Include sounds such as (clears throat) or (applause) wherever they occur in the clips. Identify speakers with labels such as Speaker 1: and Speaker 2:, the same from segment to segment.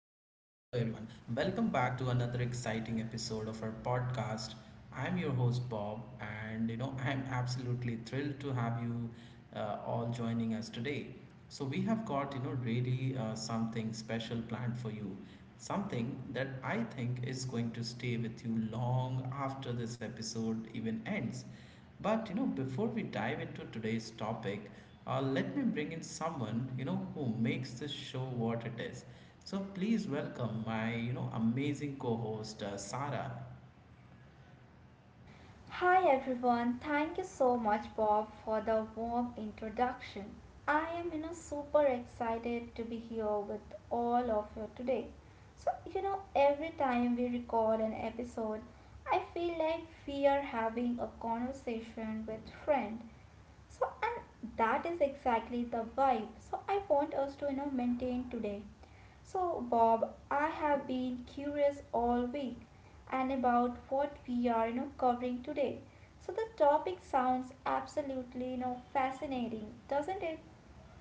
Speaker 1: everyone. Welcome back to another exciting episode of our podcast. I'm your host, Bob, and I'm absolutely thrilled to have you all joining us today. So, we have got really something special planned for you, something that I think is going to stay with you long after this episode even ends. But before we dive into today's topic, let me bring in someone who makes this show what it is. So please welcome my amazing co-host Sarah.
Speaker 2: Hi everyone, thank you so much, Bob, for the warm introduction. I am super excited to be here with all of you today. Every time we record an episode, I feel like we are having a conversation with friend so and that is exactly the vibe. So I want us to maintain today. So Bob, I have been curious all week and about what we are covering today. So the topic sounds absolutely fascinating, doesn't it?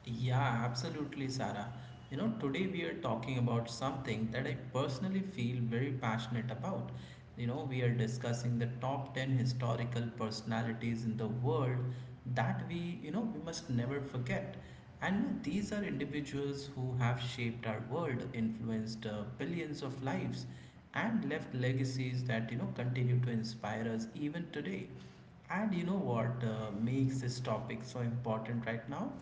Speaker 1: Yeah, absolutely, Sarah. Today we are talking about something that I personally feel very passionate about. We are discussing the top 10 historical personalities in the world that we must never forget. And these are individuals who have shaped our world, influenced billions of lives, and left legacies that continue to inspire us even today. And what makes this topic so important right now?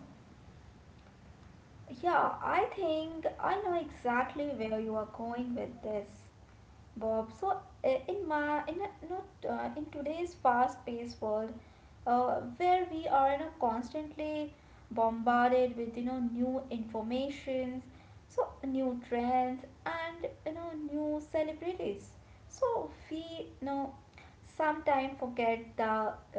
Speaker 2: Yeah, I think I know exactly where you are going with this. Bob. So I- in my in a, not in today's fast-paced world, where we are constantly bombarded with new informations, so new trends and new celebrities. So we sometimes forget the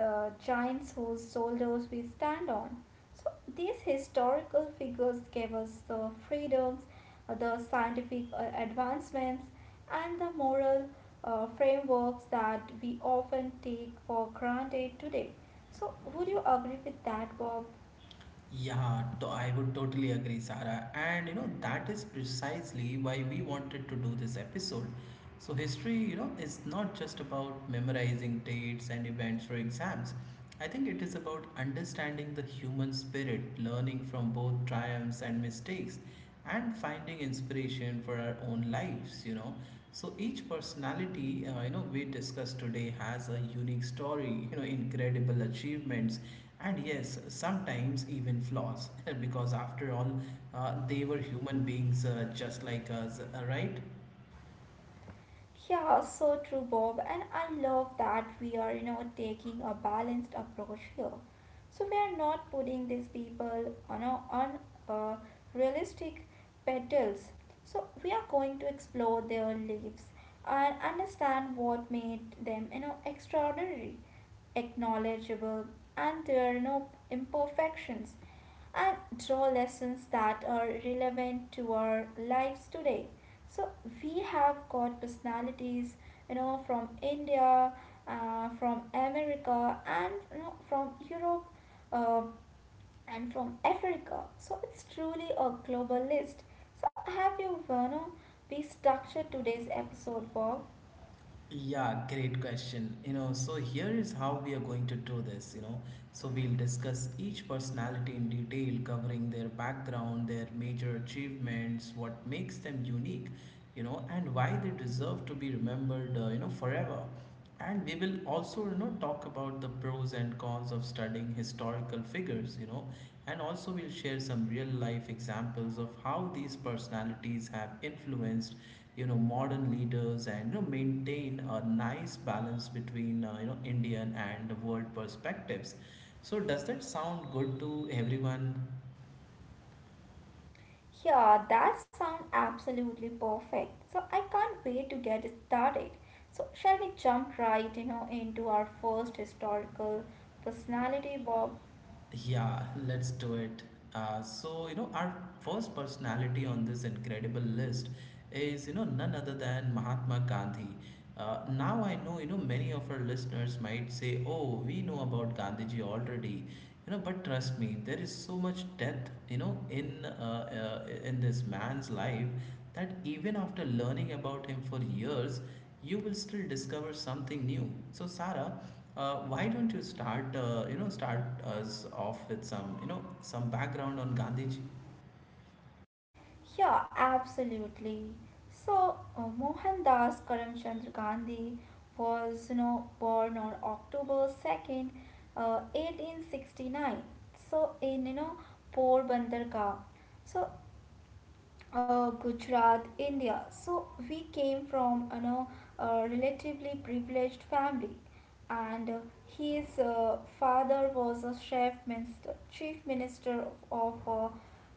Speaker 2: giants whose shoulders we stand on. So these historical figures gave us the freedoms, the scientific advancements, and the moral frameworks that we often take for granted today. So would you agree with that, Bob?
Speaker 1: Yeah, I would totally agree, Sarah. And that is precisely why we wanted to do this episode. So, history is not just about memorizing dates and events for exams. I think it is about understanding the human spirit, learning from both triumphs and mistakes, and finding inspiration for our own lives. So each personality, we discussed today has a unique story, incredible achievements, and yes, sometimes even flaws, (laughs) because after all, they were human beings just like us, right?
Speaker 2: Yeah, so true, Bob. And I love that we are, taking a balanced approach here. So we are not putting these people on a, on uh, realistic pedals. So we are going to explore their lives and understand what made them, extraordinary, acknowledgeable, and their, imperfections and draw lessons that are relevant to our lives today. So we have got personalities, from India, from America, and from Europe, uh, and from Africa. So it's truly a global list. So have you, be structured today's episode, Bob?
Speaker 1: Yeah, great question. So here is how we are going to do this. So we'll discuss each personality in detail, covering their background, their major achievements, what makes them unique, and why they deserve to be remembered, forever, and we will also talk about the pros and cons of studying historical figures, and also we'll share some real life examples of how these personalities have influenced modern leaders, and maintain a nice balance between Indian and world perspectives. So does that sound good to everyone?
Speaker 2: Yeah, that sounds absolutely perfect. So I can't wait to get started. So shall we jump right, into our first historical personality, Bob?
Speaker 1: Yeah, let's do it. Our first personality on this incredible list is none other than Mahatma Gandhi. Now I know, many of our listeners might say, oh, we know about Gandhiji already. But trust me, there is so much depth in this man's life that even after learning about him for years, you will still discover something new. So, Sarah, why don't you start you know start us off with some some background on Gandhiji?
Speaker 2: Yeah, absolutely. So Mohandas Karamchand Gandhi was, born on October 2nd, 1869. So in, Porbandar Ka. So Gujarat, India. So we came from a relatively privileged family, and his father was a chief minister of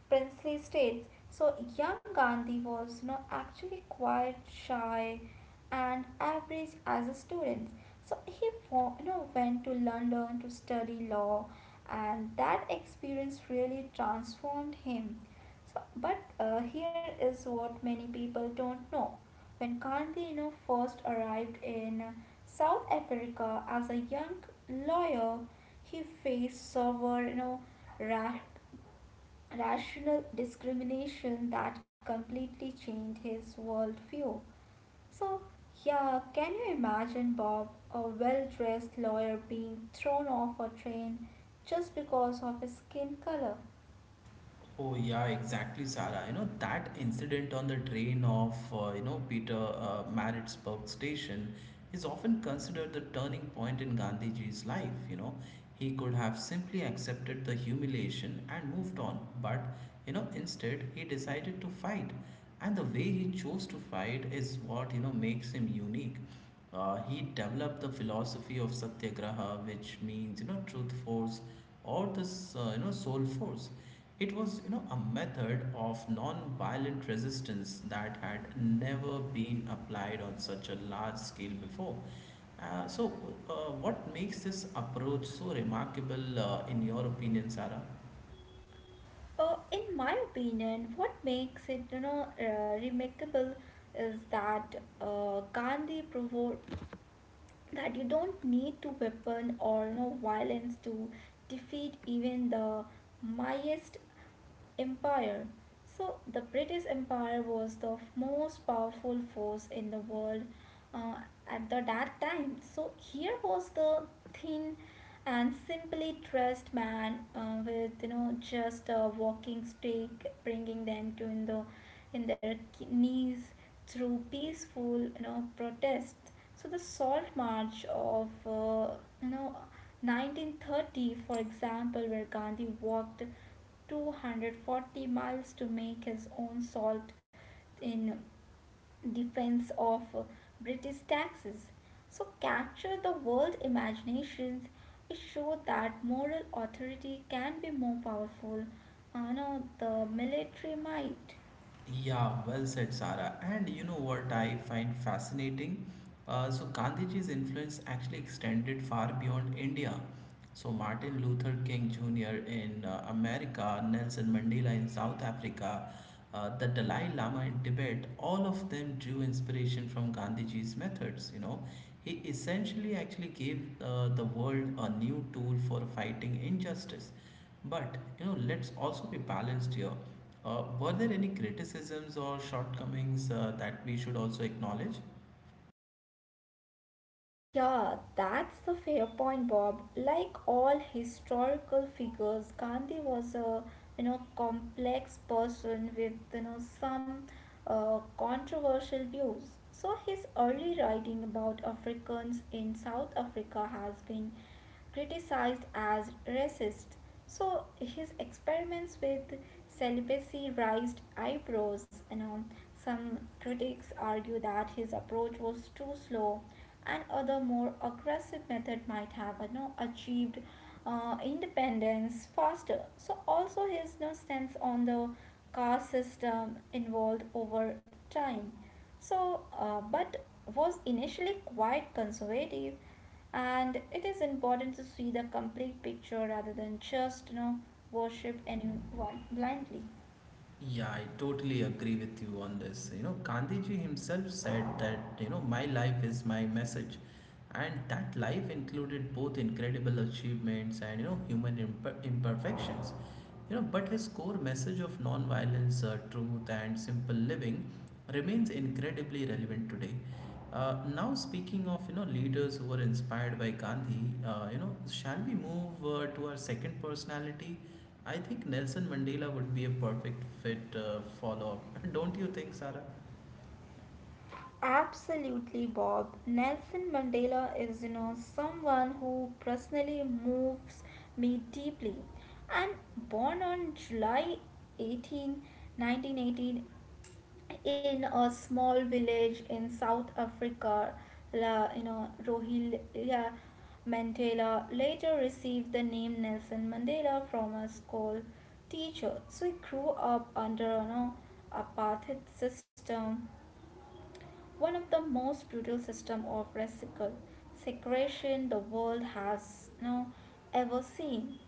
Speaker 2: princely states. So young Gandhi was actually quite shy and average as a student. So he went to London to study law, and that experience really transformed him so, but here is what many people don't know. When Gandhino first arrived in South Africa as a young lawyer, he faced severe, ra- rational discrimination that completely changed his worldview. So, yeah, can you imagine Bob, a well-dressed lawyer, being thrown off a train just because of his skin color?
Speaker 1: Oh yeah, exactly, Sarah. You know that incident on the train of Peter Maritzburg station is often considered the turning point in Gandhiji's life. He could have simply accepted the humiliation and moved on, but instead he decided to fight, and the way he chose to fight is what makes him unique. He developed the philosophy of satyagraha, which means truth force or the soul force. It was a method of non-violent resistance that had never been applied on such a large scale before. Uh, so, what makes this approach so remarkable, in your opinion, Sarah?
Speaker 2: In my opinion, what makes it remarkable is that Gandhi proved that you don't need to weapon or violence to defeat even the mightiest empire. So the British Empire was the most powerful force in the world uh, that time. So here was the thin and simply dressed man with just a walking stick, bringing them to in the in their knees through peaceful protest. So the Salt March of you know 1930, for example, where Gandhi walked 240 miles to make his own salt in defense of British taxes. So, capture the world imaginations. It showed that moral authority can be more powerful, You know the military might.
Speaker 1: Yeah, well said, Sara. And you know what I find fascinating? Gandhiji's influence actually extended far beyond India. So, Martin Luther King Jr. in America, Nelson Mandela in South Africa, the Dalai Lama in Tibet, all of them drew inspiration from Gandhiji's methods. He essentially actually gave the world a new tool for fighting injustice, but let's also be balanced here. Were there any criticisms or shortcomings that we should also acknowledge?
Speaker 2: Yeah, that's the fair point, Bob. Like all historical figures, Gandhi was a complex person with some controversial views. So his early writing about Africans in South Africa has been criticized as racist. So his experiments with celibacy raised eyebrows. You know, some critics argue that his approach was too slow, and other more aggressive method might have achieved independence faster. So also his stance on the caste system evolved over time. But was initially quite conservative and it is important to see the complete picture rather than just worship anyone blindly.
Speaker 1: Yeah, I totally agree with you on this. Gandhiji himself said that, my life is my message. And that life included both incredible achievements and human imperfections. But his core message of non-violence, truth, and simple living remains incredibly relevant today. Now, speaking of leaders who were inspired by Gandhi, shall we move to our second personality? I think Nelson Mandela would be a perfect fit follow up. (laughs) Don't you think, Sarah?
Speaker 2: Absolutely, Bob. Nelson Mandela is, someone who personally moves me deeply. And born on 18th, nineteen 18, 1918 in a small village in South Africa, Rohila Mandela later received the name Nelson Mandela from a school teacher. So he grew up under apartheid system one of the most brutal system of reciprocal segregation the world has ever seen.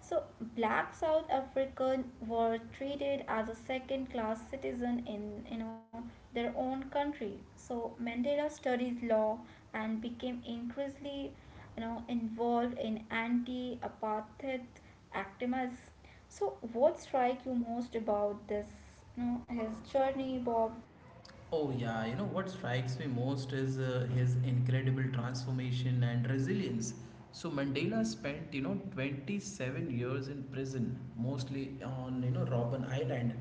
Speaker 2: So black South African were treated as a second class citizen in their own country. So Mandela studied law and became increasingly involved in anti-apartheid activism. So what strikes you most about this his journey Bob?
Speaker 1: Oh, yeah, you know what strikes me most is his incredible transformation and resilience. So Mandela spent, 27 years in prison, mostly on, Robben Island.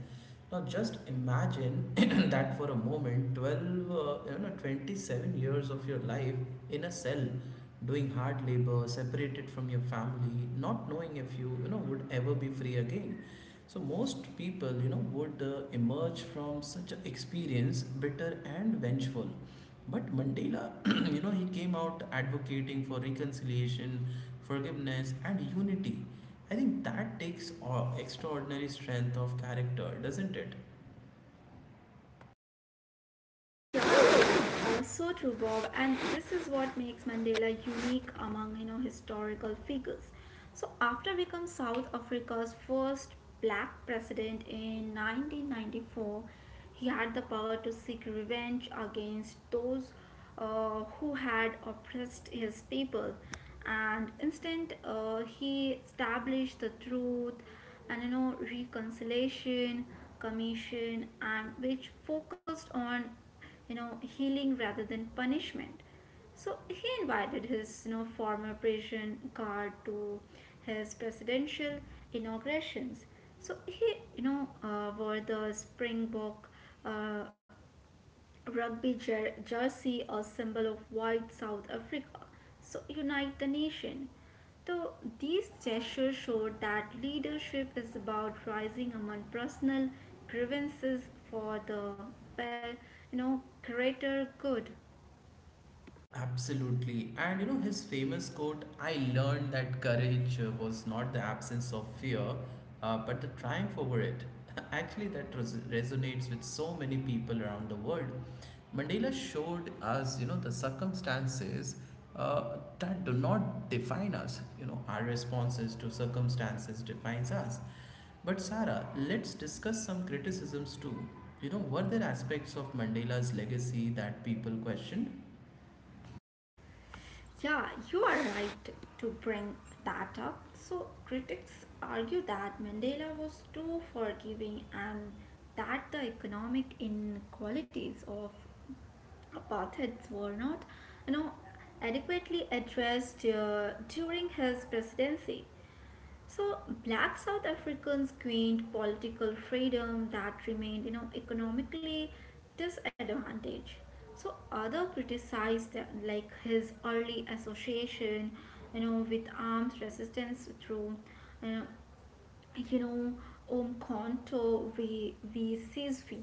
Speaker 1: Now just imagine (clears throat) that for a moment, 27 years of your life in a cell, doing hard labor, separated from your family, not knowing if you would ever be free again. So most people, would emerge from such an experience bitter and vengeful. But Mandela, (clears throat) he came out advocating for reconciliation, forgiveness, and unity. I think that takes extraordinary strength of character, doesn't it?
Speaker 2: So true, Bob, and this is what makes Mandela unique among historical figures. So after becoming South Africa's first black president in 1994, he had the power to seek revenge against those who had oppressed his people, and instead he established the Truth and Reconciliation Commission, and which focused on healing rather than punishment. So he invited his former prison guard to his presidential inaugurations. So he wore the springbok uh, rugby jersey, a symbol of white South Africa. So unite the nation. So these gestures showed that leadership is about rising among personal grievances for the greater good.
Speaker 1: Absolutely. And you know, his famous quote, I learned that courage was not the absence of fear, but the triumph over it. (laughs) Actually, that resonates with so many people around the world. Mandela showed us, the circumstances that do not define us. You know, our responses to circumstances defines us. But Sarah, let's discuss some criticisms too. Were there aspects of Mandela's legacy that people questioned?
Speaker 2: Yeah, you are right to bring that up. So, critics argue that Mandela was too forgiving and that the economic inequalities of apartheids were not you know adequately addressed during his presidency. So black South Africans gained political freedom that remained, economically disadvantaged. So other criticized like his early association, with arms resistance through you know, you know om kanto v v CSV.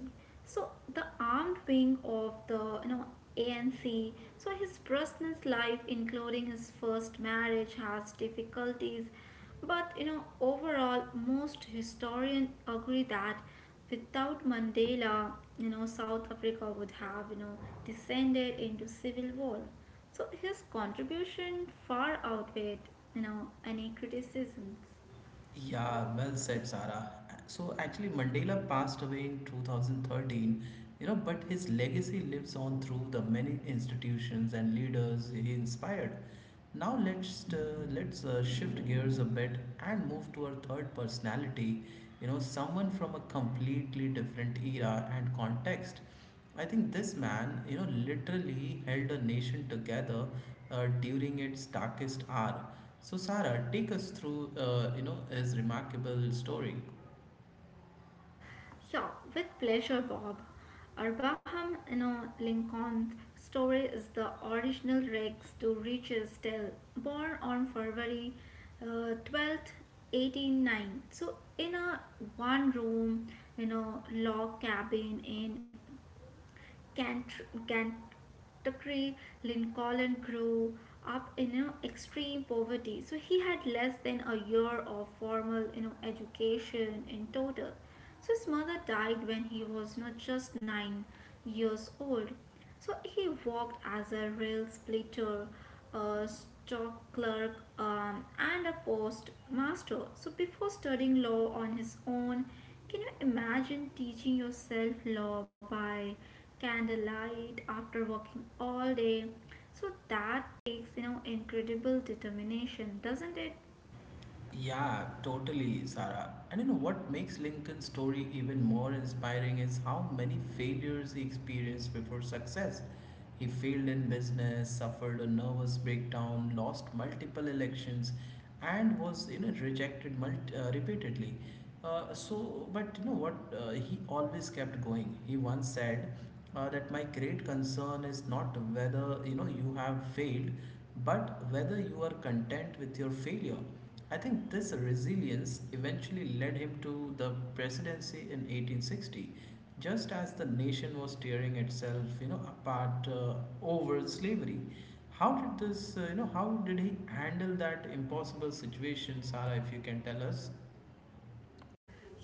Speaker 2: So the armed wing of the ANC. So his personal life including his first marriage has difficulties, but overall most historians agree that without Mandela, South Africa would have descended into civil war. So his contribution far outweighed you know any criticisms.
Speaker 1: Yeah, well said, Sarah. So actually, Mandela passed away in 2013, but his legacy lives on through the many institutions and leaders he inspired. Now let's shift gears a bit and move to our third personality, someone from a completely different era and context. I think this man, literally held a nation together during its darkest hour. So, Sarah, take us through, his remarkable story.
Speaker 2: Yeah, with pleasure, Bob. Abraham, Lincoln's story is the original rags to riches tale, born on February uh, 12th, 1809. So, in a one room, log cabin in Kentucky, Lincoln grew up in extreme poverty, so he had less than a year of formal education in total. So his mother died when he was not just 9 years old. So he worked as a rail splitter, a stock clerk, and a postmaster. So before studying law on his own, can you imagine teaching yourself law by candlelight after working all day? So that takes, incredible determination, doesn't it?
Speaker 1: Yeah, totally, Sarah. And you know what makes Lincoln's story even more inspiring is how many failures he experienced before success. He failed in business, suffered a nervous breakdown, lost multiple elections, and was rejected repeatedly. But you know what? He always kept going. He once said that my great concern is not whether you have failed, but whether you are content with your failure. I think this resilience eventually led him to the presidency in 1860, just as the nation was tearing itself, apart over slavery. How did how did he handle that impossible situation, Sarah? If you can tell us.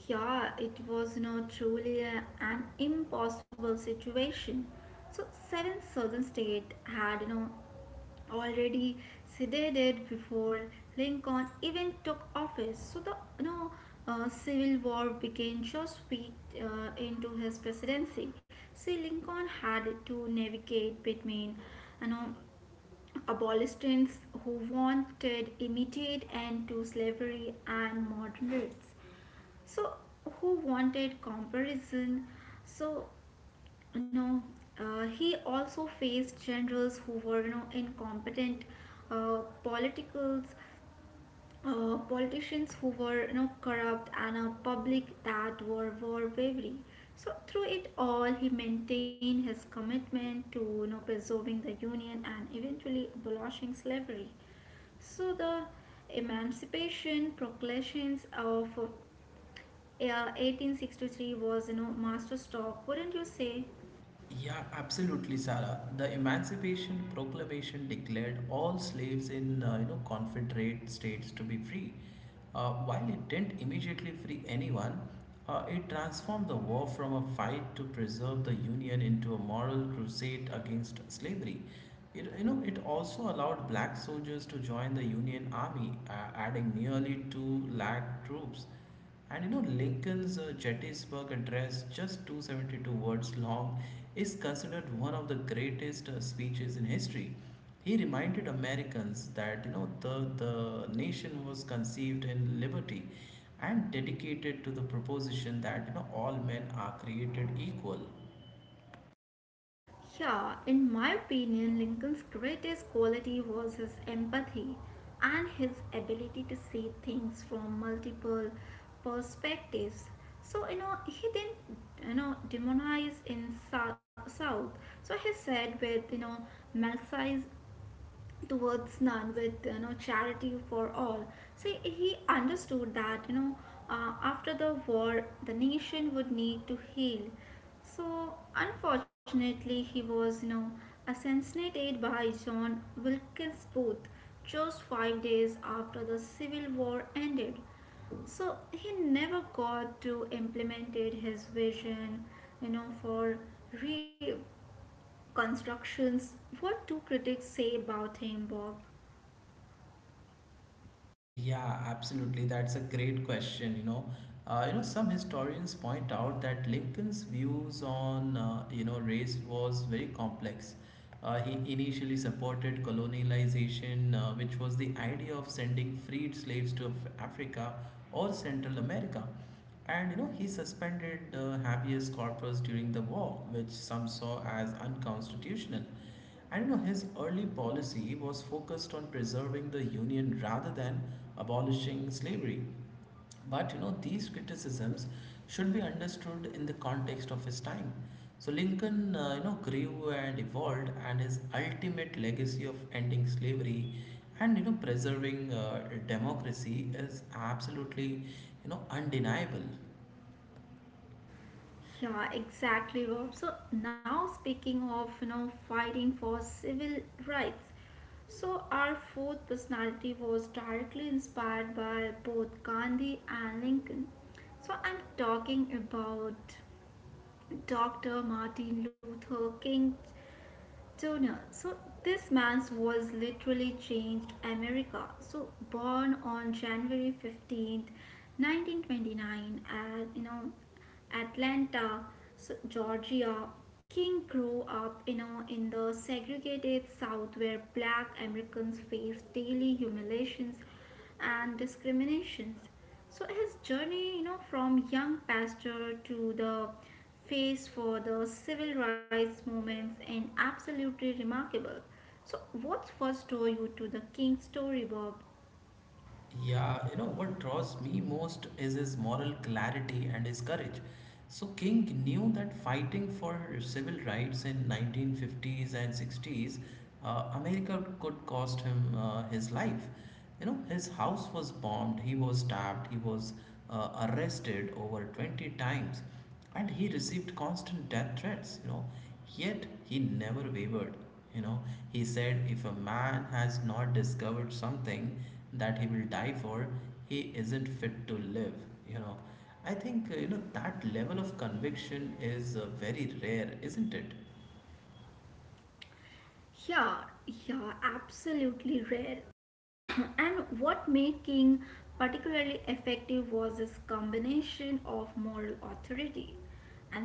Speaker 2: Yeah, it was now truly an impossible situation. So, 7 southern states had already seceded before Lincoln even took office. So, the Civil War began just weeks into his presidency. So, Lincoln had to navigate between you know, abolitionists who wanted immediate end to slavery and modern rates. So, who wanted comparison? So, you know, he also faced generals who were, incompetent, uh, politicals, politicians who were, corrupt, and a public that were war wavery. So, through it all, he maintained his commitment to, preserving the union and eventually abolishing slavery. So the Emancipation Proclamations of yeah, 1863 was, masterstroke, wouldn't you say?
Speaker 1: Yeah, absolutely, Sarah. The Emancipation Proclamation declared all slaves in Confederate states to be free. While it didn't immediately free anyone, it transformed the war from a fight to preserve the Union into a moral crusade against slavery. It, it also allowed black soldiers to join the Union Army, adding nearly two lakh troops. And you know, Lincoln's Gettysburg Address, just 272 words long, is considered one of the greatest speeches in history. He reminded Americans that the nation was conceived in liberty and dedicated to the proposition that all men are created equal.
Speaker 2: Yeah, in my opinion, Lincoln's greatest quality was his empathy and his ability to see things from multiple perspectives. So he didn't demonize in South. So he said with, Melsize towards none with charity for all. So he understood that after the war the nation would need to heal. So unfortunately he was assassinated by John Wilkes Booth just 5 days after the Civil War ended. So he never got to implemented his vision for reconstructions. What do critics say about him Bob?
Speaker 1: Yeah, absolutely. That's a great question. Some historians point out that Lincoln's views on race was very complex. He initially supported colonialization, which was the idea of sending freed slaves to Africa or Central America, and he suspended habeas corpus during the war, which some saw as unconstitutional. I don't know, his early policy was focused on preserving the Union rather than abolishing slavery. But these criticisms should be understood in the context of his time. So Lincoln, grew and evolved, and his ultimate legacy of ending slavery and preserving democracy is absolutely undeniable.
Speaker 2: Yeah, exactly, Rob. So now speaking of, fighting for civil rights, so our fourth personality was directly inspired by both Gandhi and Lincoln. So I'm talking about Dr. Martin Luther King Jr. So this man's was literally changed America. So born on January 15th, 1929 at Atlanta, so Georgia, King grew up in the segregated South where black Americans faced daily humiliations and discriminations. So his journey, from young pastor to the face for the civil rights movements and absolutely remarkable. So what first drew you to the King's story, Bob?
Speaker 1: Yeah, you know what draws me most is his moral clarity and his courage. So King knew that fighting for civil rights in 1950s and 60s, America could cost him his life. You know, his house was bombed, he was stabbed, he was arrested over 20 times, and he received constant death threats, yet he never wavered. you know he said, if a man has not discovered something that he will die for, he isn't fit to live. you know I think that level of conviction is very rare, isn't it?
Speaker 2: Yeah, yeah, absolutely rare. And what made King particularly effective was his combination of moral authority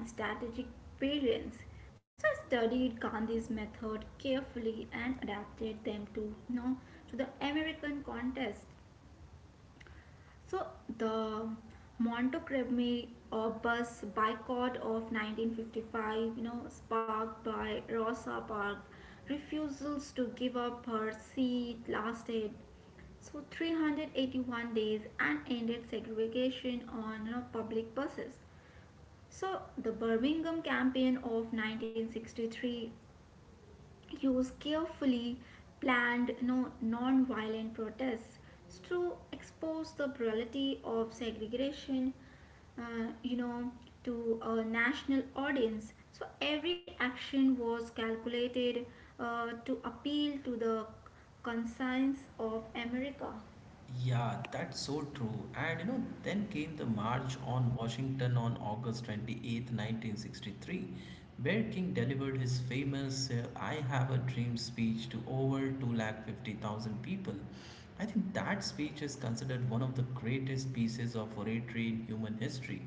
Speaker 2: and strategic brilliance. So I studied Gandhi's method carefully and adapted them to to the American contest. So the Montgomery bus boycott of 1955, you know, sparked by Rosa Parks' refusals to give up her seat, lasted 381 days and ended segregation on public buses. So the Birmingham campaign of 1963 used carefully planned non-violent protests to expose the brutality of segregation, uh, you know to a national audience. So every action was calculated to appeal to the conscience of America.
Speaker 1: Yeah, that's so true. And then came the March on Washington on August 28th, 1963, where King delivered his famous I Have a Dream speech to over 250,000 people. I think that speech is considered one of the greatest pieces of oratory in human history.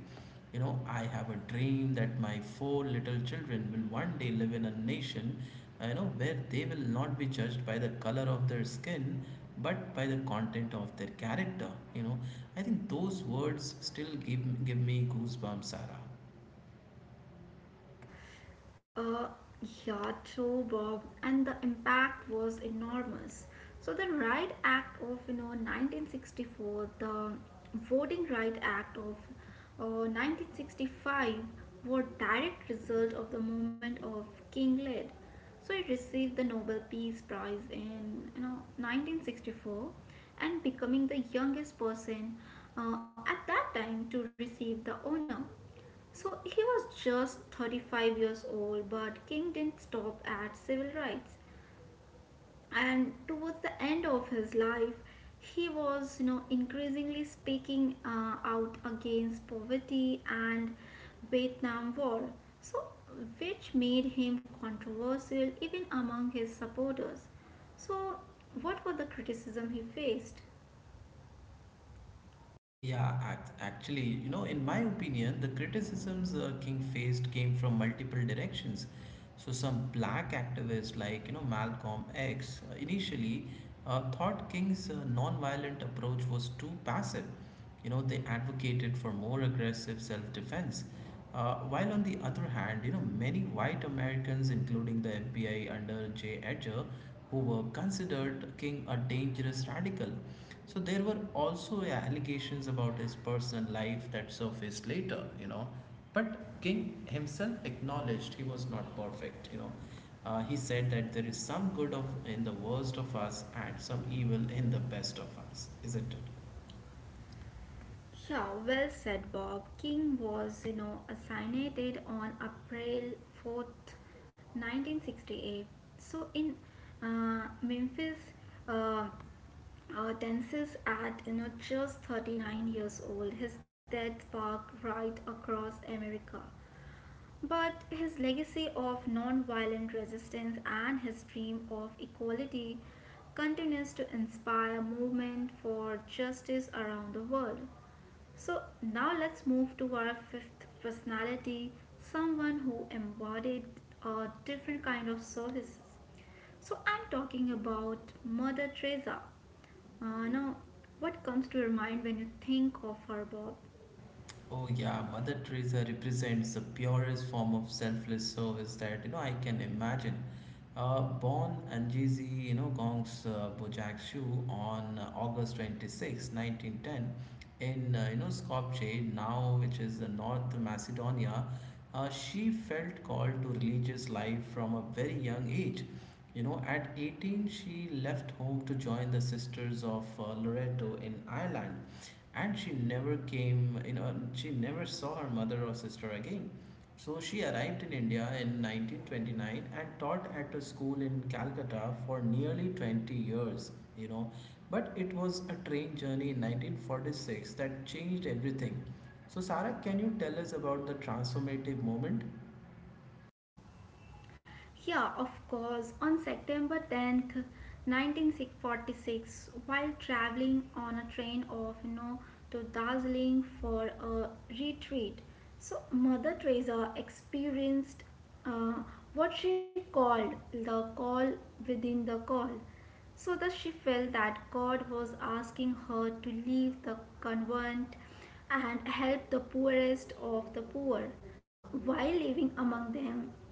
Speaker 1: I have a dream that my four little children will one day live in a nation, where they will not be judged by the color of their skin, but by the content of their character. You know, I think those words still give me goosebumps, Sarah.
Speaker 2: Uh, yeah, true, Bob. And the impact was enormous. So the Right Act of 1964, the Voting Right Act of 1965 were direct result of the movement of King Lead. So it received the Nobel Peace Prize in 1964 and becoming the youngest person at that time to receive the honor. So he was just 35 years old, but King didn't stop at civil rights. And towards the end of his life, he was, you know, increasingly speaking out against poverty and Vietnam War. So, which made him controversial even among his supporters. So, what were the criticism he faced?
Speaker 1: Yeah, actually, in my opinion, the criticisms King faced came from multiple directions. So, some black activists like, Malcolm X initially thought King's nonviolent approach was too passive. They advocated for more aggressive self defense. While on the other hand, many white Americans, including the FBI under J. Edgar, who were considered King a dangerous radical. So there were also allegations about his personal life that surfaced later. But King himself acknowledged he was not perfect. He said that there is some good of in the worst of us and some evil in the best of us, isn't it?
Speaker 2: Yeah, well said, Bob. King was, you know, assassinated on April 4th, 1968. So in Memphis, uh, Tennessee, at just 39 years old, his death sparked right across America. But his legacy of non-violent resistance and his dream of equality continues to inspire movement for justice around the world. So now let's move to our fifth personality, someone who embodied a different kind of services. So I'm talking about Mother Teresa. Now, what comes to your mind when you think of her, Bob?
Speaker 1: Oh yeah, Mother Teresa represents the purest form of selfless service that I can imagine. Born Anjizi, Gong's Bojakshu on August 26, 1910, in Skopje, now which is North Macedonia. She felt called to religious life from a very young age. At 18, she left home to join the Sisters of Loreto in Ireland, and she never came. She never saw her mother or sister again. So she arrived in India in 1929 and taught at a school in Calcutta for nearly 20 years. But it was a train journey in 1946 that changed everything. So Sarah, can you tell us about the transformative moment?
Speaker 2: Yeah, of course. On September 10th, 1946, while traveling on a train of to Darjeeling for a retreat, so Mother Teresa experienced, uh, what she called, the call within the call. So that she felt that God was asking her to leave the convent and help the poorest of the poor. So while living among them,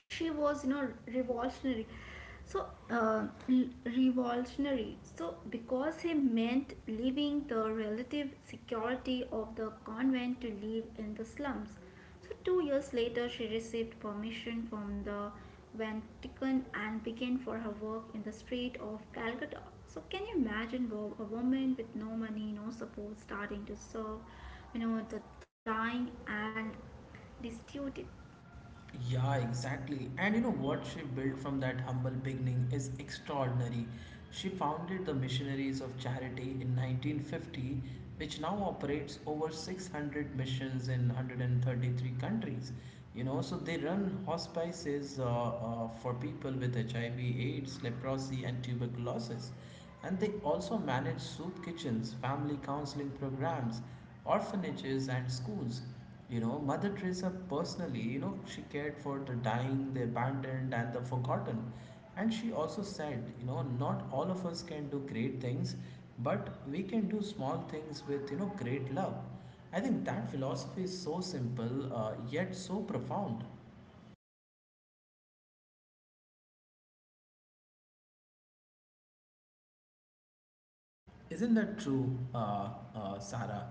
Speaker 2: she was, you know, revolutionary. So uh, revolutionary so because he meant leaving the relative security of the convent to live in the slums. So 2 years later she received permission from the Vatican and began for her work in the street of Calcutta. So can you imagine, Bob, a woman with no money, no support, starting to serve, you know, the dying and destitute?
Speaker 1: Yeah, exactly. And you know what she built from that humble beginning is extraordinary. She founded the Missionaries of Charity in 1950, which now operates over 600 missions in 133 countries. So they run hospices for people with HIV, AIDS, leprosy, and tuberculosis. And they also manage soup kitchens, family counseling programs, orphanages, and schools. Mother Teresa personally, she cared for the dying, the abandoned, and the forgotten. And she also said, not all of us can do great things, but we can do small things with great love. I think that philosophy is so simple, yet so profound. Isn't that true, Sarah?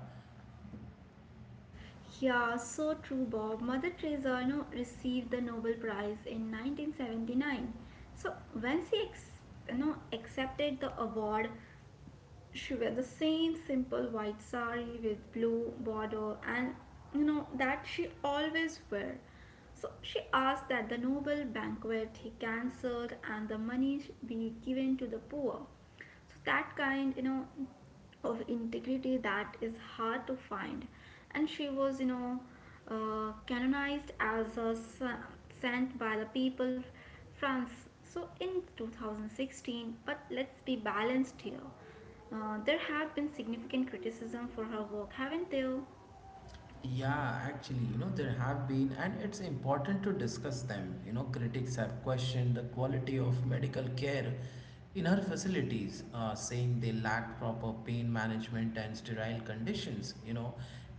Speaker 2: Yeah, so true, Bob. Mother Teresa, you know, received the Nobel Prize in 1979. So when she you know, accepted the award, she wore the same simple white sari with blue border, and you know that she always wear. So she asked that the Nobel banquet he cancelled and the money be given to the poor. So that kind, you know, of integrity that is hard to find. And she was, you know, canonized as a saint by the people france so in 2016. But let's be balanced here. There have been significant criticism for her work, haven't there?
Speaker 1: Yeah, actually, there have been, and it's important to discuss them. Critics have questioned the quality of medical care in our facilities, saying they lacked proper pain management and sterile conditions.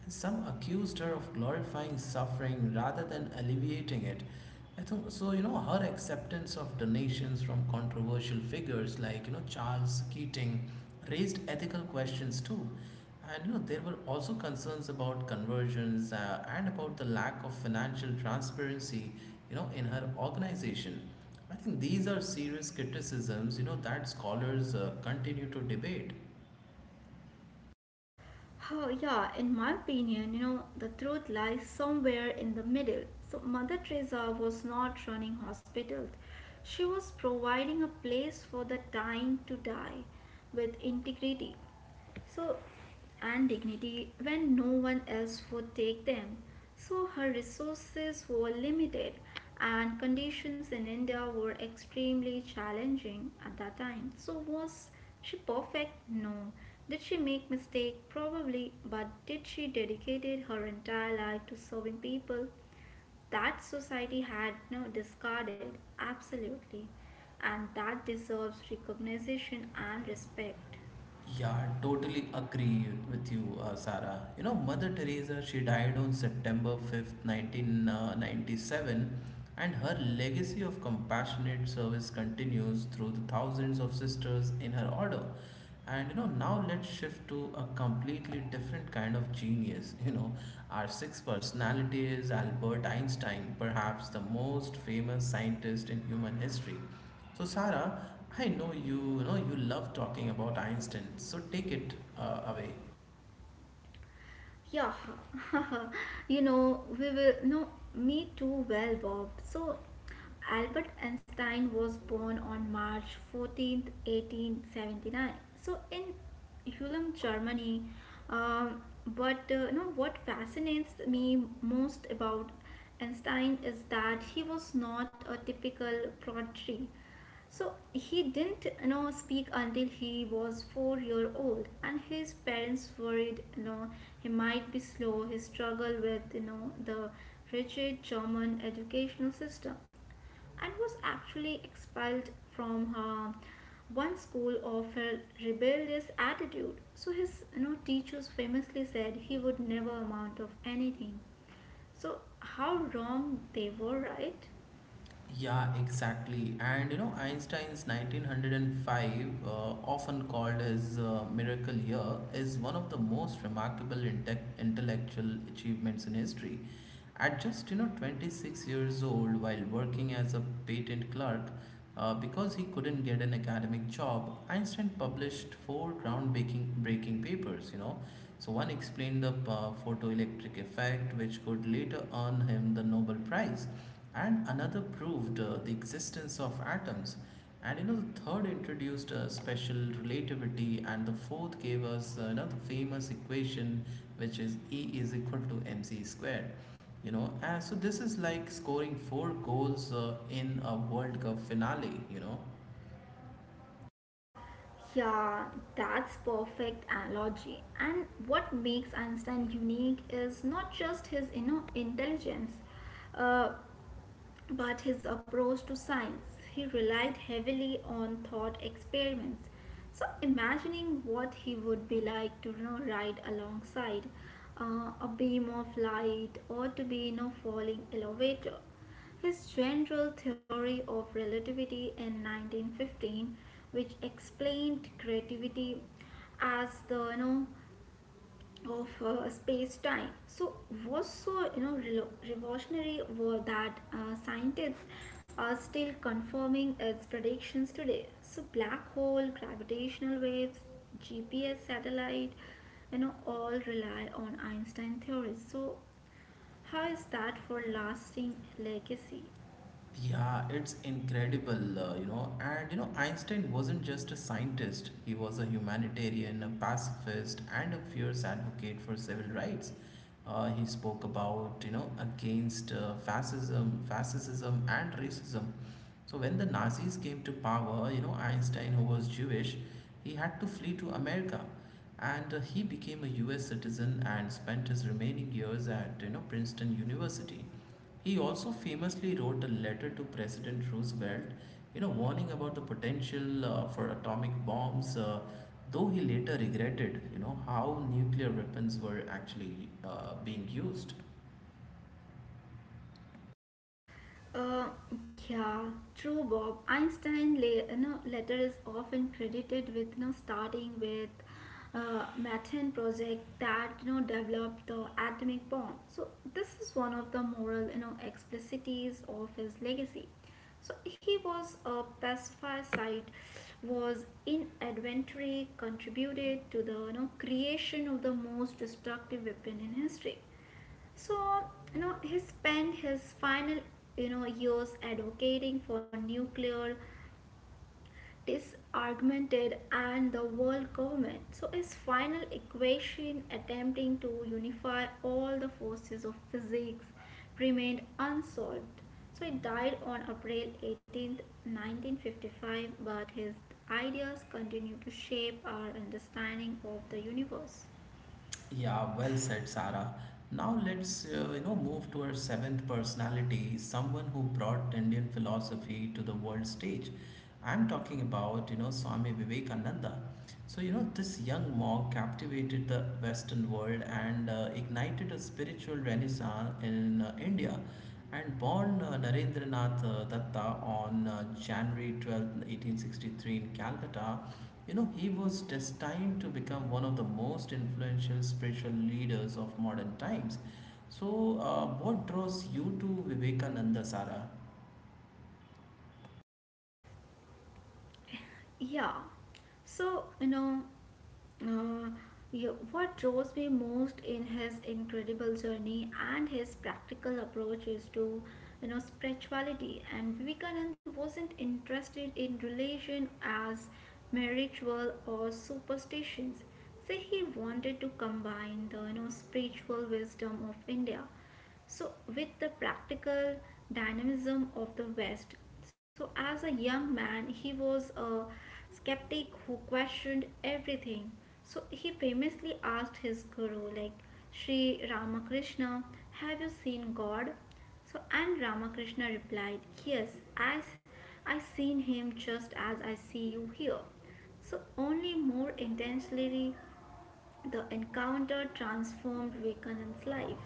Speaker 1: And some accused her of glorifying suffering rather than alleviating it. I think so, her acceptance of donations from controversial figures like, Charles Keating raised ethical questions too. And there were also concerns about conversions and about the lack of financial transparency, in her organization. I think these are serious criticisms, that scholars continue to debate.
Speaker 2: Oh, yeah, in my opinion, you know, the truth lies somewhere in the middle. So, Mother Teresa was not running hospitals, she was providing a place for the dying to die with integrity. So, and dignity when no one else would take them. So, her resources were limited, and conditions in India were extremely challenging at that time. So, was she perfect? No. Did she make mistake? Probably, but did she dedicated her entire life to serving people that society had no discarded? Absolutely. And that deserves recognition and respect.
Speaker 1: Yeah, totally agree with you, Sarah. Mother Teresa, she died on September 5th, 1997, and her legacy of compassionate service continues through the thousands of sisters in her order. And now let's shift to a completely different kind of genius. (laughs) Our sixth personality is Albert Einstein, perhaps the most famous scientist in human history. So Sarah, I know you, you know you love talking about Einstein. So take it away.
Speaker 2: Yeah, (laughs) you know, we will know me too well, Bob. So, Albert Einstein was born on March 14th, 1879. So, in Ulm, Germany. Um, but you know what fascinates me most about Einstein is that he was not a typical prodigy. So he didn't, you know, speak until he was 4-year old, and his parents worried, you know, he might be slow. He struggled with, you know, the rigid German educational system, and was actually expelled from her one school of her rebellious attitude. So his, you know, teachers famously said he would never amount of anything. So how wrong they were, right?
Speaker 1: Yeah, exactly. And Einstein's 1905, often called his miracle year, is one of the most remarkable intellectual achievements in history. At just 26 years old, while working as a patent clerk, because he couldn't get an academic job, Einstein published four groundbreaking breaking papers. So one explained the photoelectric effect, which could later earn him the Nobel Prize, and another proved the existence of atoms, and the third introduced special relativity, and the fourth gave us the famous equation, which is E is equal to mc square. And so this is like scoring four goals in a World Cup finale.
Speaker 2: Yeah, that's perfect analogy. And what makes Einstein unique is not just his, you know, intelligence, uh, but his approach to science. He relied heavily on thought experiments. So, imagining what he would be like to, you know, ride alongside a beam of light or to be in, you know, a falling elevator. His general theory of relativity in 1915, which explained creativity as the, you know, of space-time. So was so, you know, revolutionary were that scientists are still confirming its predictions today. So black hole, gravitational waves, GPS satellite, you know, all rely on Einstein theories. So how is that for lasting legacy?
Speaker 1: Yeah, it's incredible. And Einstein wasn't just a scientist, he was a humanitarian, a pacifist, and a fierce advocate for civil rights. He spoke about, against fascism, and racism. So when the Nazis came to power, Einstein, who was Jewish, he had to flee to America, and he became a U.S. citizen and spent his remaining years at, Princeton University. He also famously wrote a letter to President Roosevelt, warning about the potential for atomic bombs, though he later regretted, how nuclear weapons were actually being used.
Speaker 2: Uh, yeah, true, Bob. Einstein you know, letter is often credited with, you know, starting with Methane project that, you know, developed the atomic bomb. So this is one of the moral, you know, explicities of his legacy. So he was a pacifist, was inadvertently contributed to the, you know, creation of the most destructive weapon in history. So, you know, he spent his final, you know, years advocating for nuclear disarmament and the world government. So, his final equation attempting to unify all the forces of physics remained unsolved. So, he died on April 18, 1955, but his ideas continue to shape our understanding of the universe.
Speaker 1: Yeah, well said, Sarah. Now let's move to our seventh personality, someone who brought Indian philosophy to the world stage. I'm talking about Swami Vivekananda. So this young monk captivated the Western world and ignited a spiritual renaissance in India, and born Narendranath Datta on January 12th, eighteen 1863 in Calcutta, he was destined to become one of the most influential spiritual leaders of modern times. So, what draws you to Vivekananda, Sara?
Speaker 2: Yeah. So, you know, uh, what draws me most in his incredible journey and his practical approach is to, you know, spirituality. And Vivekanand wasn't interested in religion as mere ritual or superstitions. So he wanted to combine the, you know, spiritual wisdom of India, so, with the practical dynamism of the West. So as a young man, he was a skeptic who questioned everything. So, he famously asked his guru, like Sri Ramakrishna, "Have you seen God?" So, and Ramakrishna replied, "Yes, as I seen him just as I see you here. So, only more intensely." The encounter transformed Vivekananda's life.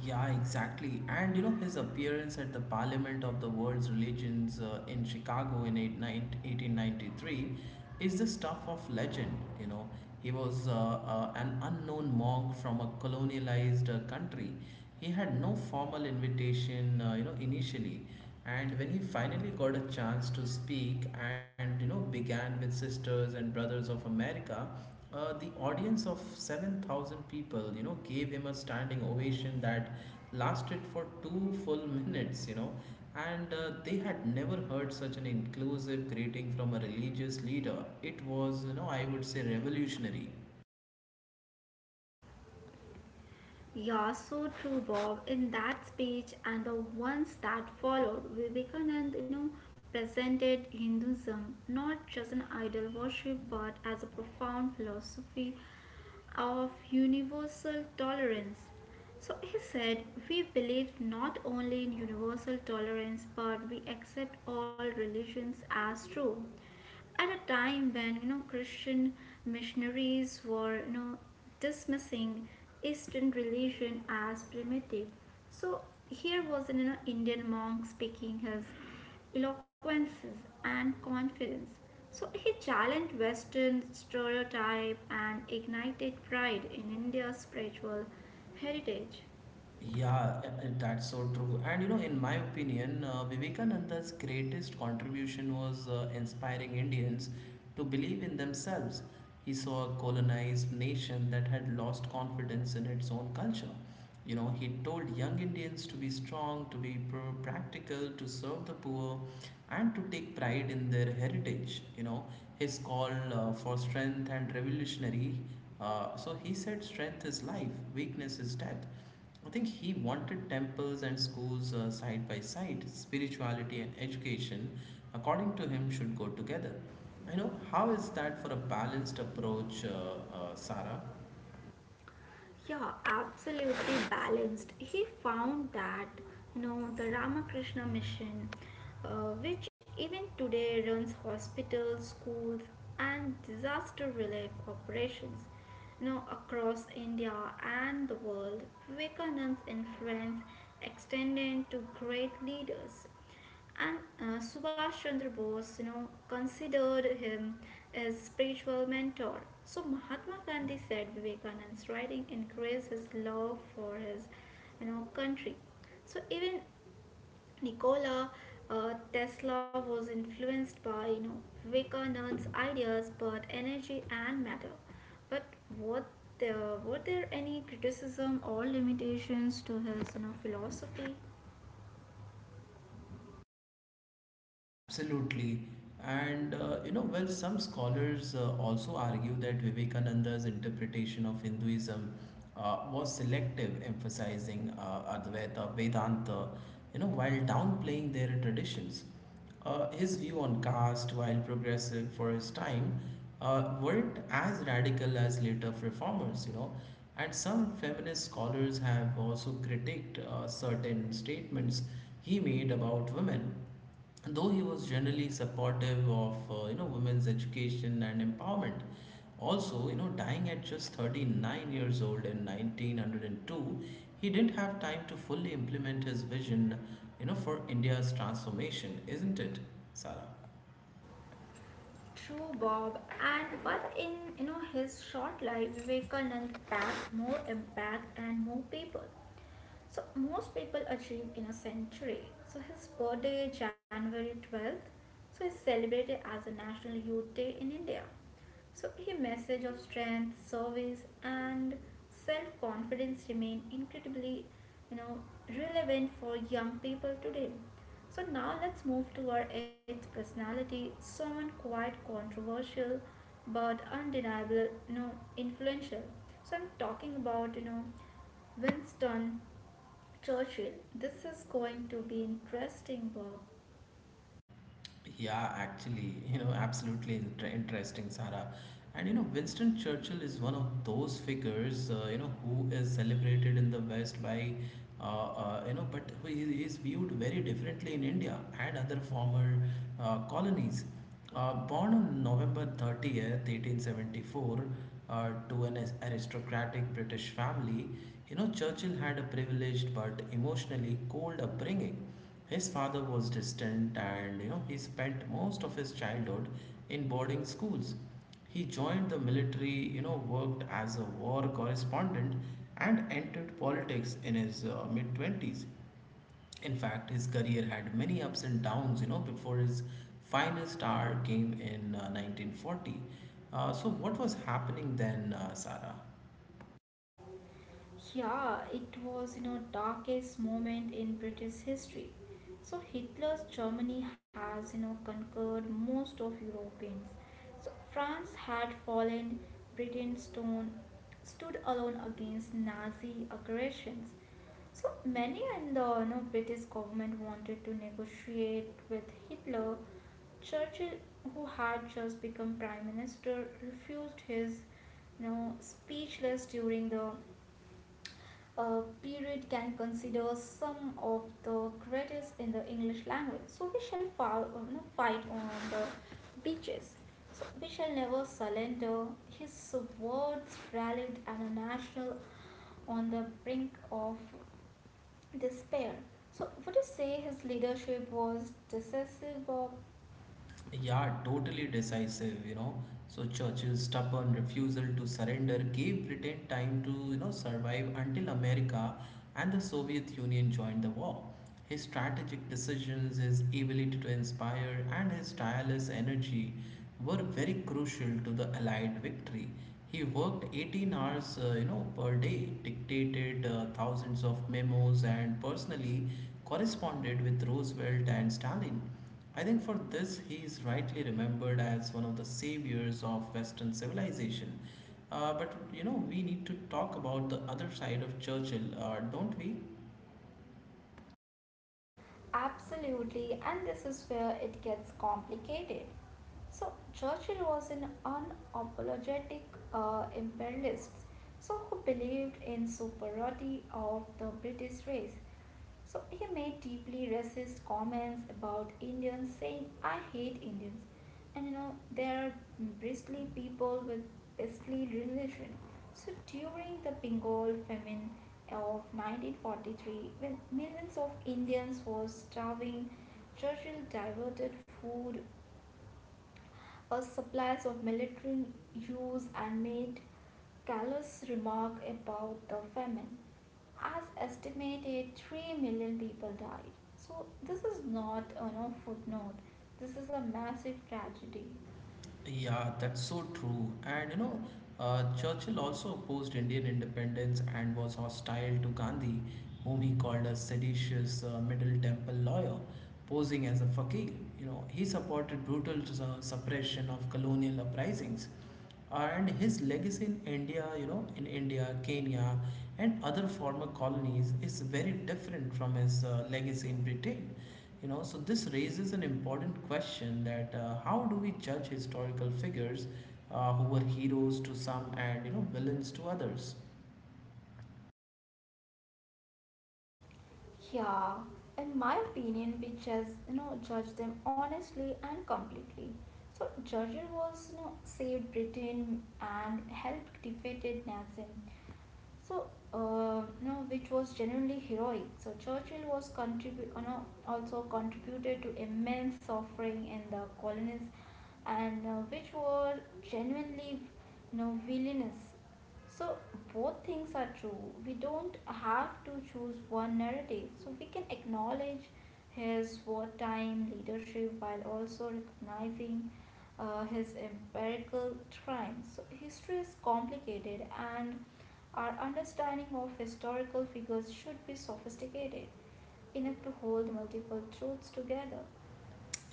Speaker 1: Yeah, exactly. And his appearance at the Parliament of the World's Religions in Chicago in 8, nine, 1893 is the stuff of legend. He was an unknown monk from a colonialized country. He had no formal invitation, initially, and when he finally got a chance to speak, and began with Sisters and Brothers of America, the audience of 7,000 people, gave him a standing ovation that lasted for 2 full minutes, and they had never heard such an inclusive greeting from a religious leader. It was, I would say revolutionary.
Speaker 2: Yeah, so true, Bob. In that speech and the ones that followed, Vivekanand, you know, presented Hinduism not just an idol worship but as a profound philosophy of universal tolerance. So he said, "We believe not only in universal tolerance but we accept all religions as true," at a time when, you know, Christian missionaries were, you know, dismissing Eastern religion as primitive. So here was an, you know, Indian monk speaking his eloquences and confidence. So he challenged Western stereotype and ignited pride in India's spiritual heritage.
Speaker 1: Yeah, that's so true. And in my opinion, Vivekananda's greatest contribution was inspiring Indians to believe in themselves. He saw a colonized nation that had lost confidence in its own culture. He told young Indians to be strong, to be practical, to serve the poor, and to take pride in their heritage. His call for strength and revolutionary, so he said strength is life, weakness is death. I think he wanted temples and schools side by side. Spirituality and education, according to him, should go together. I know how is that for a balanced approach, Sarah?
Speaker 2: Yeah, absolutely balanced. He found that, you know, the Ramakrishna Mission, which even today runs hospitals, schools, and disaster relief operations, you know, across India and the world. Vivekananda's influence extended to great leaders, and Subhash Chandra Bose, you know, considered him as spiritual mentor. So Mahatma Gandhi said Vivekanand's writing increased his love for his, you know, country. So even Nikola Tesla was influenced by, you know, Vivekanand's ideas about energy and matter. But what there were there any criticism or limitations to his, you know, philosophy?
Speaker 1: Absolutely. And some scholars also argue that Vivekananda's interpretation of Hinduism was selective, emphasizing Advaita, Vedanta, while downplaying their traditions. His view on caste, while progressive for his time, weren't as radical as later reformers. And some feminist scholars have also critiqued certain statements he made about women, though he was generally supportive of women's education and empowerment. Also, dying at just 39 years old in 1902, he didn't have time to fully implement his vision, for India's transformation, isn't it, Sarah?
Speaker 2: True, Bob. And but in, you know, his short life, Vivekanand packed more impact and more people. So most people achieve in a century. So his birthday, January 12, so is celebrated as a National Youth Day in India. So, a message of strength, service, and self confidence remain incredibly, you know, relevant for young people today. So, now let's move to our eighth personality, someone quite controversial but undeniable, you know, influential. So, I'm talking about, you know, Winston Churchill. This is going to be interesting, Bob.
Speaker 1: Yeah, actually, (laughs) absolutely interesting, Sarah. And Winston Churchill is one of those figures, who is celebrated in the West by, but who is viewed very differently in India and other former colonies. Born on November 30th, 1874, to an aristocratic British family, Churchill had a privileged but emotionally cold upbringing. His father was distant, and, he spent most of his childhood in boarding schools. He joined the military, worked as a war correspondent, and entered politics in his mid 20s. In fact, his career had many ups and downs, before his finest hour came in 1940. So, what was happening then, Sarah?
Speaker 2: Yeah, it was, you know, darkest moment in British history. So Hitler's Germany has, you know, conquered most of Europeans. So France had fallen, Britain stone stood alone against Nazi aggressions. So many in the, you know, British government wanted to negotiate with Hitler. Churchill, who had just become prime minister, refused his, you know, speechless during the period can consider some of the greatest in the English language. So we shall foul, you know, fight on the beaches. So we shall never surrender. His words rallied an national on the brink of despair. So would you say his leadership was decisive, or?
Speaker 1: Yeah, totally decisive. So, Churchill's stubborn refusal to surrender gave Britain time to, survive until America and the Soviet Union joined the war. His strategic decisions, his ability to inspire, and his tireless energy were very crucial to the Allied victory. He worked 18 hours, per day, dictated thousands of memos, and personally corresponded with Roosevelt and Stalin. I think for this, he is rightly remembered as one of the saviors of Western civilization. But we need to talk about the other side of Churchill, don't we?
Speaker 2: Absolutely, and this is where it gets complicated. So, Churchill was an unapologetic imperialist, so who believed in superiority of the British race. So he made deeply racist comments about Indians, saying, "I hate Indians. And you know, they are bristly people with bristly religion." So during the Bengal famine of 1943, when millions of Indians were starving, Churchill diverted food a supplies of military use and made callous remark about the famine. As estimated, 3 million people died. So, this is not a no footnote, this is a massive tragedy.
Speaker 1: Yeah, that's so true. And Churchill also opposed Indian independence and was hostile to Gandhi, whom he called a seditious Middle Temple lawyer, posing as a fakir. You know, he supported brutal suppression of colonial uprisings, and his legacy in India, you know, in India, Kenya, and other former colonies is very different from his legacy in Britain. So this raises an important question that how do we judge historical figures who were heroes to some and you know villains to others?
Speaker 2: Yeah, in my opinion, we just, you know, judge them honestly and completely. So, Churchill was, you know, saved Britain and helped defeated Nazism. So, you know, which was genuinely heroic. So Churchill was contribute, you know, also contributed to immense suffering in the colonies, and which were genuinely, you know, villainous. So both things are true. We don't have to choose one narrative. So we can acknowledge his wartime leadership while also recognizing his empirical triumphs. So history is complicated, and our understanding of historical figures should be sophisticated enough to hold multiple truths together.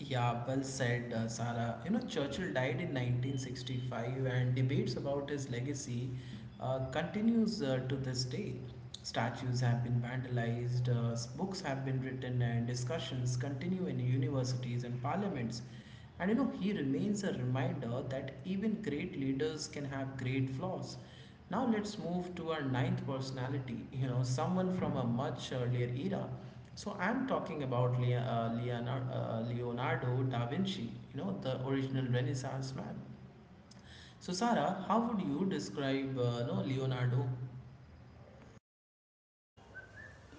Speaker 1: Yeah, well said, Sara. You know, Churchill died in 1965, and debates about his legacy continues to this day. Statues have been vandalized, books have been written, and discussions continue in universities and parliaments. And you know, he remains a reminder that even great leaders can have great flaws. Now, let's move to our ninth personality, you know, someone from a much earlier era. So, I'm talking about Leonardo da Vinci, you know, the original Renaissance man. So, Sarah, how would you describe no, Leonardo?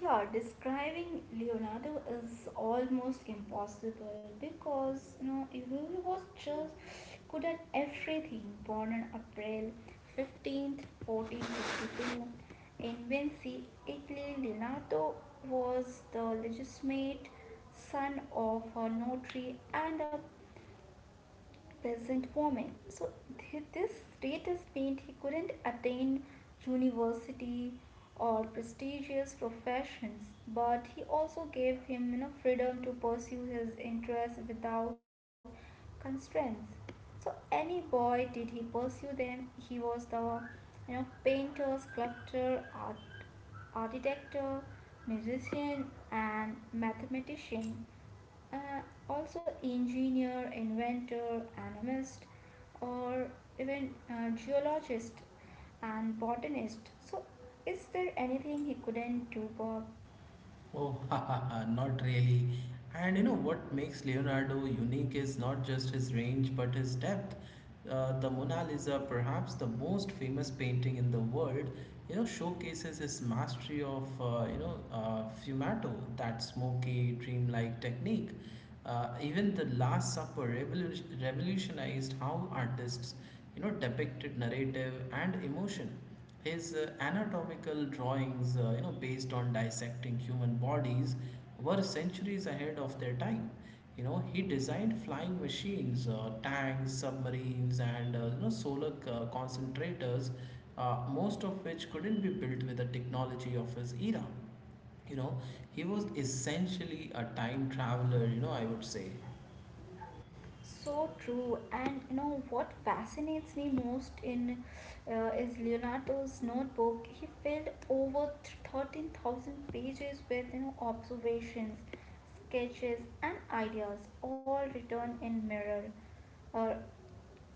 Speaker 2: Yeah, describing Leonardo is almost impossible because he was just good at everything. Born on April 15th, 1452 in Vinci, Italy, Leonardo was the legitimate son of a notary and a peasant woman. So this status meant he couldn't attain university or prestigious professions, but he also gave him freedom to pursue his interests without constraints. So any boy did he pursue them, he was the painter, sculptor, art architecture, musician, and mathematician, uh, also engineer, inventor, animist, or even geologist and botanist. So, is there anything he couldn't do, Bob?
Speaker 1: Oh, (laughs) haha, not really. And you know what makes Leonardo unique is not just his range but his depth. The Mona Lisa, perhaps the most famous painting in the world, you know, showcases his mastery of fumato, that smoky, dreamlike technique. Even the Last Supper revolutionized how artists, you know, depicted narrative and emotion. His anatomical drawings, you know, based on dissecting human bodies, were centuries ahead of their time. You know, he designed flying machines, tanks, submarines, and solar concentrators, most of which couldn't be built with the technology of his era. You know, he was essentially a time traveler, you know, I would say.
Speaker 2: So true, and you know what fascinates me most in is Leonardo's notebook. He filled over 13,000 pages with observations, sketches, and ideas, all written in mirror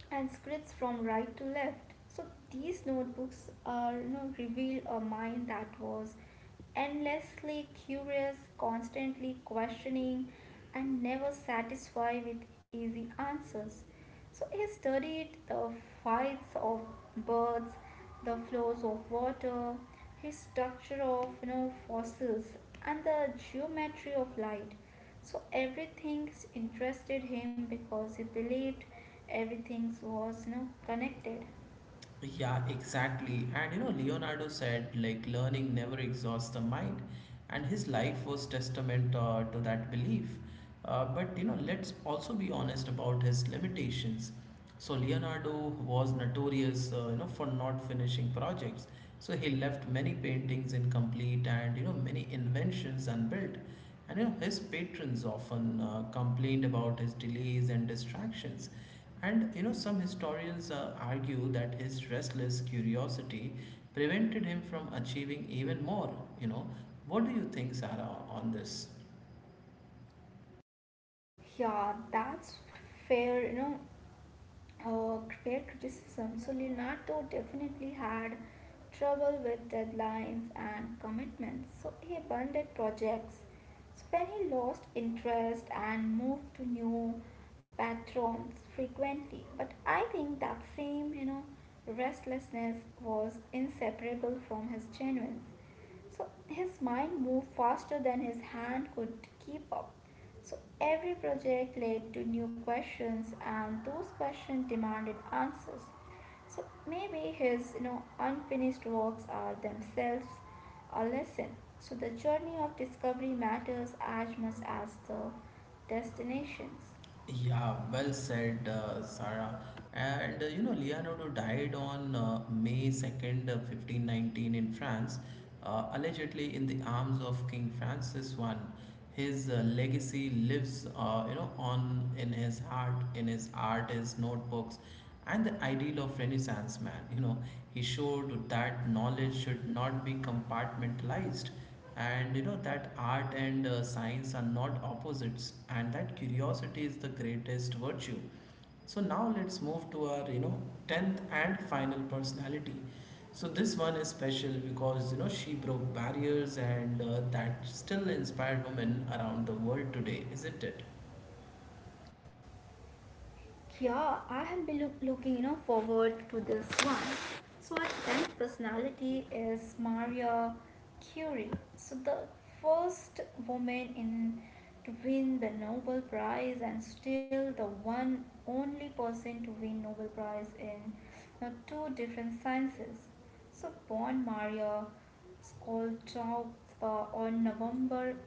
Speaker 2: and scripts from right to left. So these notebooks are, you know, reveal a mind that was endlessly curious, constantly questioning, and never satisfied with easy answers. So he studied the flights of birds, the flows of water, his structure of fossils and the geometry of light. So everything interested him because he believed everything was, you know, connected.
Speaker 1: Yeah, exactly. And you know, Leonardo said like learning never exhausts the mind, and his life was testament to that belief. But you know, let's also be honest about his limitations. So Leonardo was notorious, you know, for not finishing projects. So he left many paintings incomplete, and you know, many inventions unbuilt. And you know, his patrons often complained about his delays and distractions. And you know, some historians argue that his restless curiosity prevented him from achieving even more. You know, what do you think, Sarah, on this?
Speaker 2: Yeah, that's fair, you know, uh, fair criticism. So Leonardo definitely had trouble with deadlines and commitments, so he abandoned projects. So when he lost interest and moved to new patrons frequently, but I think that same, you know, restlessness was inseparable from his genuine, so his mind moved faster than his hand could keep up. So every project led to new questions, and those questions demanded answers. So maybe his unfinished works are themselves a lesson. So the journey of discovery matters as much as the destinations.
Speaker 1: Yeah, well said, Sarah. And you know, Leonardo died on May 2nd, 1519, in France, allegedly in the arms of King Francis I. His legacy lives, you know, on in his heart, in his art, his notebooks, and the ideal of Renaissance man. You know, he showed that knowledge should not be compartmentalized, and you know that art and science are not opposites, and that curiosity is the greatest virtue. So now let's move to our you know 10th and final personality. So this one is special because you know she broke barriers and that still inspired women around the world today, isn't it?
Speaker 2: Yeah, I have been looking, you know, forward to this one. So our tenth personality is Maria Curie. So the first woman in to win the Nobel Prize, and still the one only person to win Nobel Prize in, you know, two different sciences. So born Maria Skoltowska on November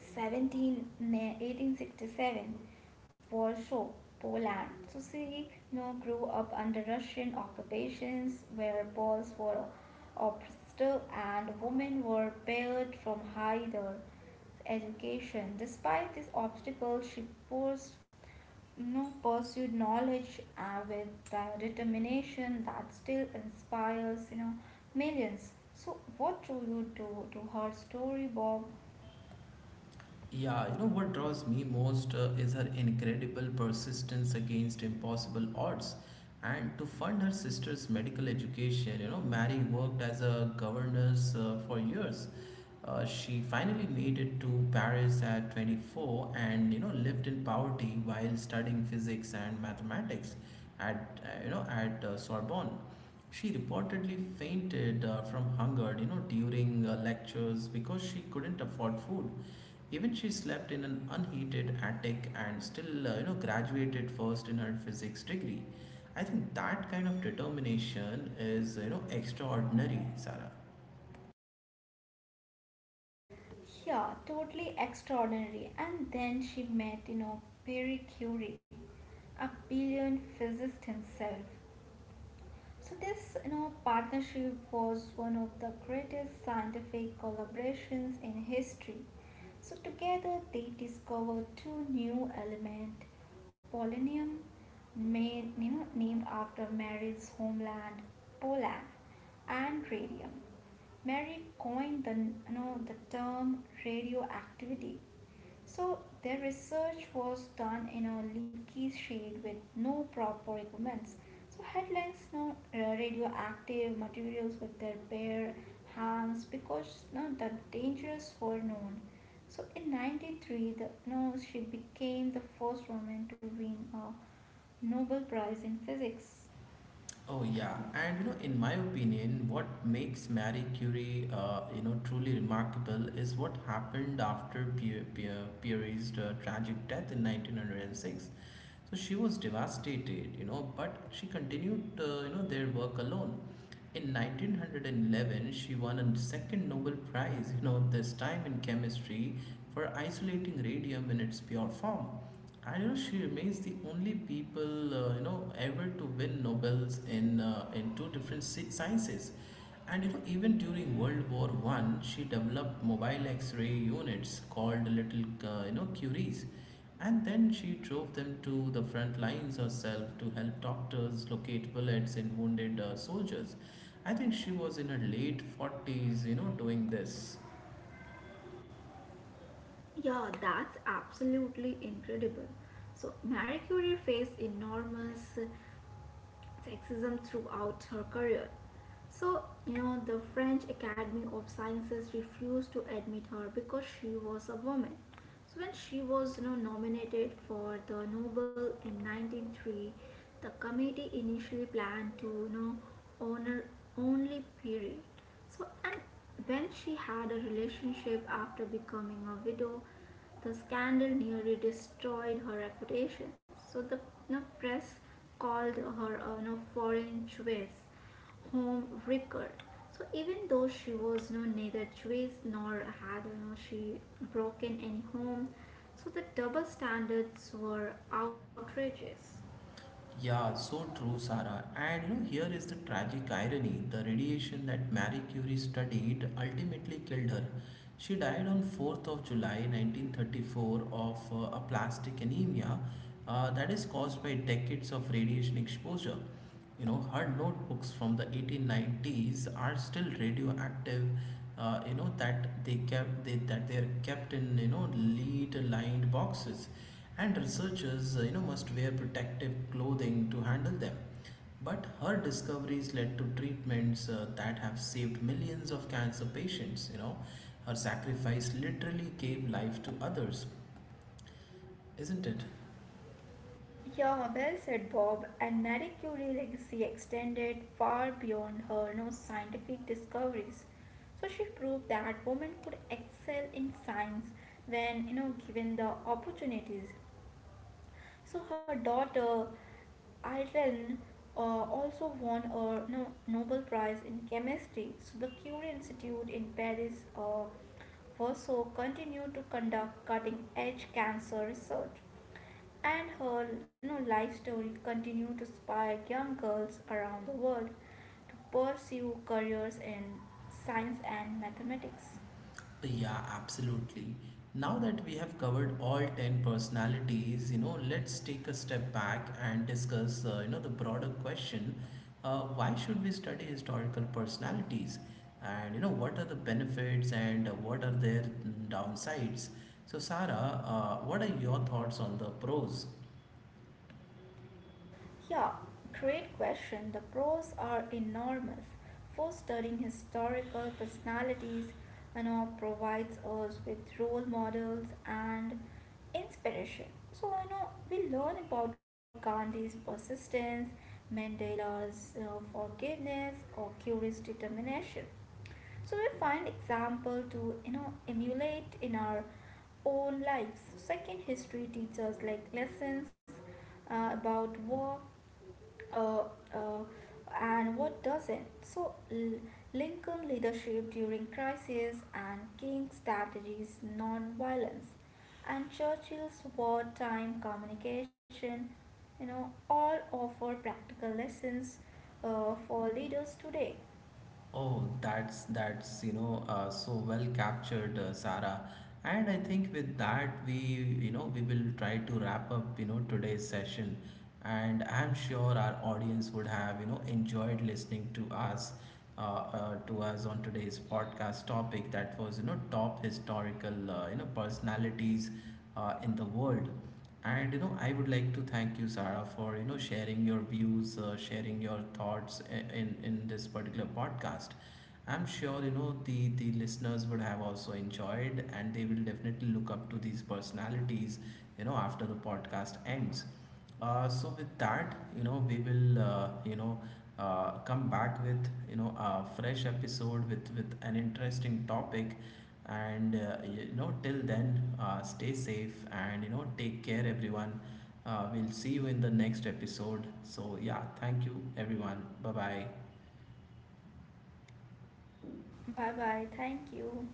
Speaker 2: 17 May 1867, Warsaw, Poland. Susino grew up under Russian occupations where balls were oppressed, and women were barred from higher education. Despite these obstacles, she purs- no, pursued knowledge with the determination that still inspires, you know, millions. So, what do you do to her story, Bob?
Speaker 1: Yeah, you know what draws me most is her incredible persistence against impossible odds. And to fund her sister's medical education, you know, Mary worked as a governess for years. She finally made it to Paris at 24 and, you know, lived in poverty while studying physics and mathematics at, Sorbonne. She reportedly fainted from hunger, you know, during lectures because she couldn't afford food. Even she slept in an unheated attic and still, you know, graduated first in her physics degree. I think that kind of determination is, you know, extraordinary, Sarah.
Speaker 2: Yeah, totally extraordinary. And then she met, you know, Pierre Curie, a brilliant physicist himself. So this, you know, partnership was one of the greatest scientific collaborations in history. So together they discovered two new element, polonium, made, you know, named after Mary's homeland, Poland, and radium. Mary coined the the term radioactivity. So their research was done in a leaky shade with no proper equipments. So headlines radioactive materials with their bare hands because, you know, the dangers were known. So in 93, you know, she became the first woman to win a Nobel Prize in Physics.
Speaker 1: Oh yeah, and you know, in my opinion, what makes Marie Curie, you know, truly remarkable is what happened after Pierre's tragic death in 1906. So she was devastated, you know, but she continued, you know, their work alone. In 1911, she won a second Nobel Prize, you know, this time in chemistry for isolating radium in its pure form. I don't know, she remains the only people you know ever to win Nobels in two different sciences, and you know even during World War One, she developed mobile X-ray units called little you know Curies, and then she drove them to the front lines herself to help doctors locate bullets in wounded soldiers. I think she was in her late 40s, you know, doing this.
Speaker 2: Yeah, that's absolutely incredible. So, Marie Curie faced enormous sexism throughout her career. So, you know, the French Academy of Sciences refused to admit her because she was a woman. So when she was, you know, nominated for the Nobel in 1903, the committee initially planned to honor only Piri. So, and when she had a relationship after becoming a widow, the scandal nearly destroyed her reputation. So the, you know, press called her a, you know, foreign Jewess home record. So even though she was, you know, neither Jewish, nor had, you know, she broken any home, so the double standards were outrageous.
Speaker 1: Yeah, so true, Sarah. And you know, here is the tragic irony. The radiation that Marie Curie studied ultimately killed her. She died on 4th of July 1934 of aplastic anemia that is caused by decades of radiation exposure. You know, her notebooks from the 1890s are still radioactive. You know that that they are kept in you know lead-lined boxes, and researchers you know must wear protective clothing to handle them. But her discoveries led to treatments that have saved millions of cancer patients. You know, her sacrifice literally gave life to others, isn't it?
Speaker 2: Yeah, well said, Bob. And Marie Curie's legacy extended far beyond her no scientific discoveries. So she proved that women could excel in science when, you know, given the opportunities. So her daughter Irene uh, also won a Nobel Prize in chemistry. So the Curie Institute in Paris also continued to conduct cutting-edge cancer research, and her, you know, life story continued to inspire young girls around the world to pursue careers in science and mathematics.
Speaker 1: Yeah, absolutely. Now that we have covered all 10 personalities, you know, let's take a step back and discuss, you know, the broader question, why should we study historical personalities? And, you know, what are the benefits and what are their downsides? So, Sarah, what are your thoughts on the pros?
Speaker 2: Yeah, great question. The pros are enormous. Fostering historical personalities, you know, provides us with role models and inspiration. So we learn about Gandhi's persistence, Mandela's forgiveness, or Curie's determination. So we find example to emulate in our own lives. So second, history teaches like lessons about war, uh, uh, and what doesn't. So, Lincoln leadership during crisis, and King's strategies non-violence, and Churchill's wartime communication, you know, all offer practical lessons for leaders today.
Speaker 1: Oh, that's you know so well captured, Sarah. And I think with that we you know we will try to wrap up you know today's session, and I'm sure our audience would have you know enjoyed listening to us on today's podcast topic that was you know top historical you know personalities in the world. And you know, I would like to thank you, Sarah, for you know sharing your views, sharing your thoughts in this particular podcast. I'm sure you know the listeners would have also enjoyed, and they will definitely look up to these personalities, you know, after the podcast ends. So with that, you know, we will come back with you know a fresh episode with an interesting topic, and you know till then, stay safe and you know take care everyone. We'll see you in the next episode. So yeah, thank you everyone, bye bye.
Speaker 2: Bye bye. Thank you.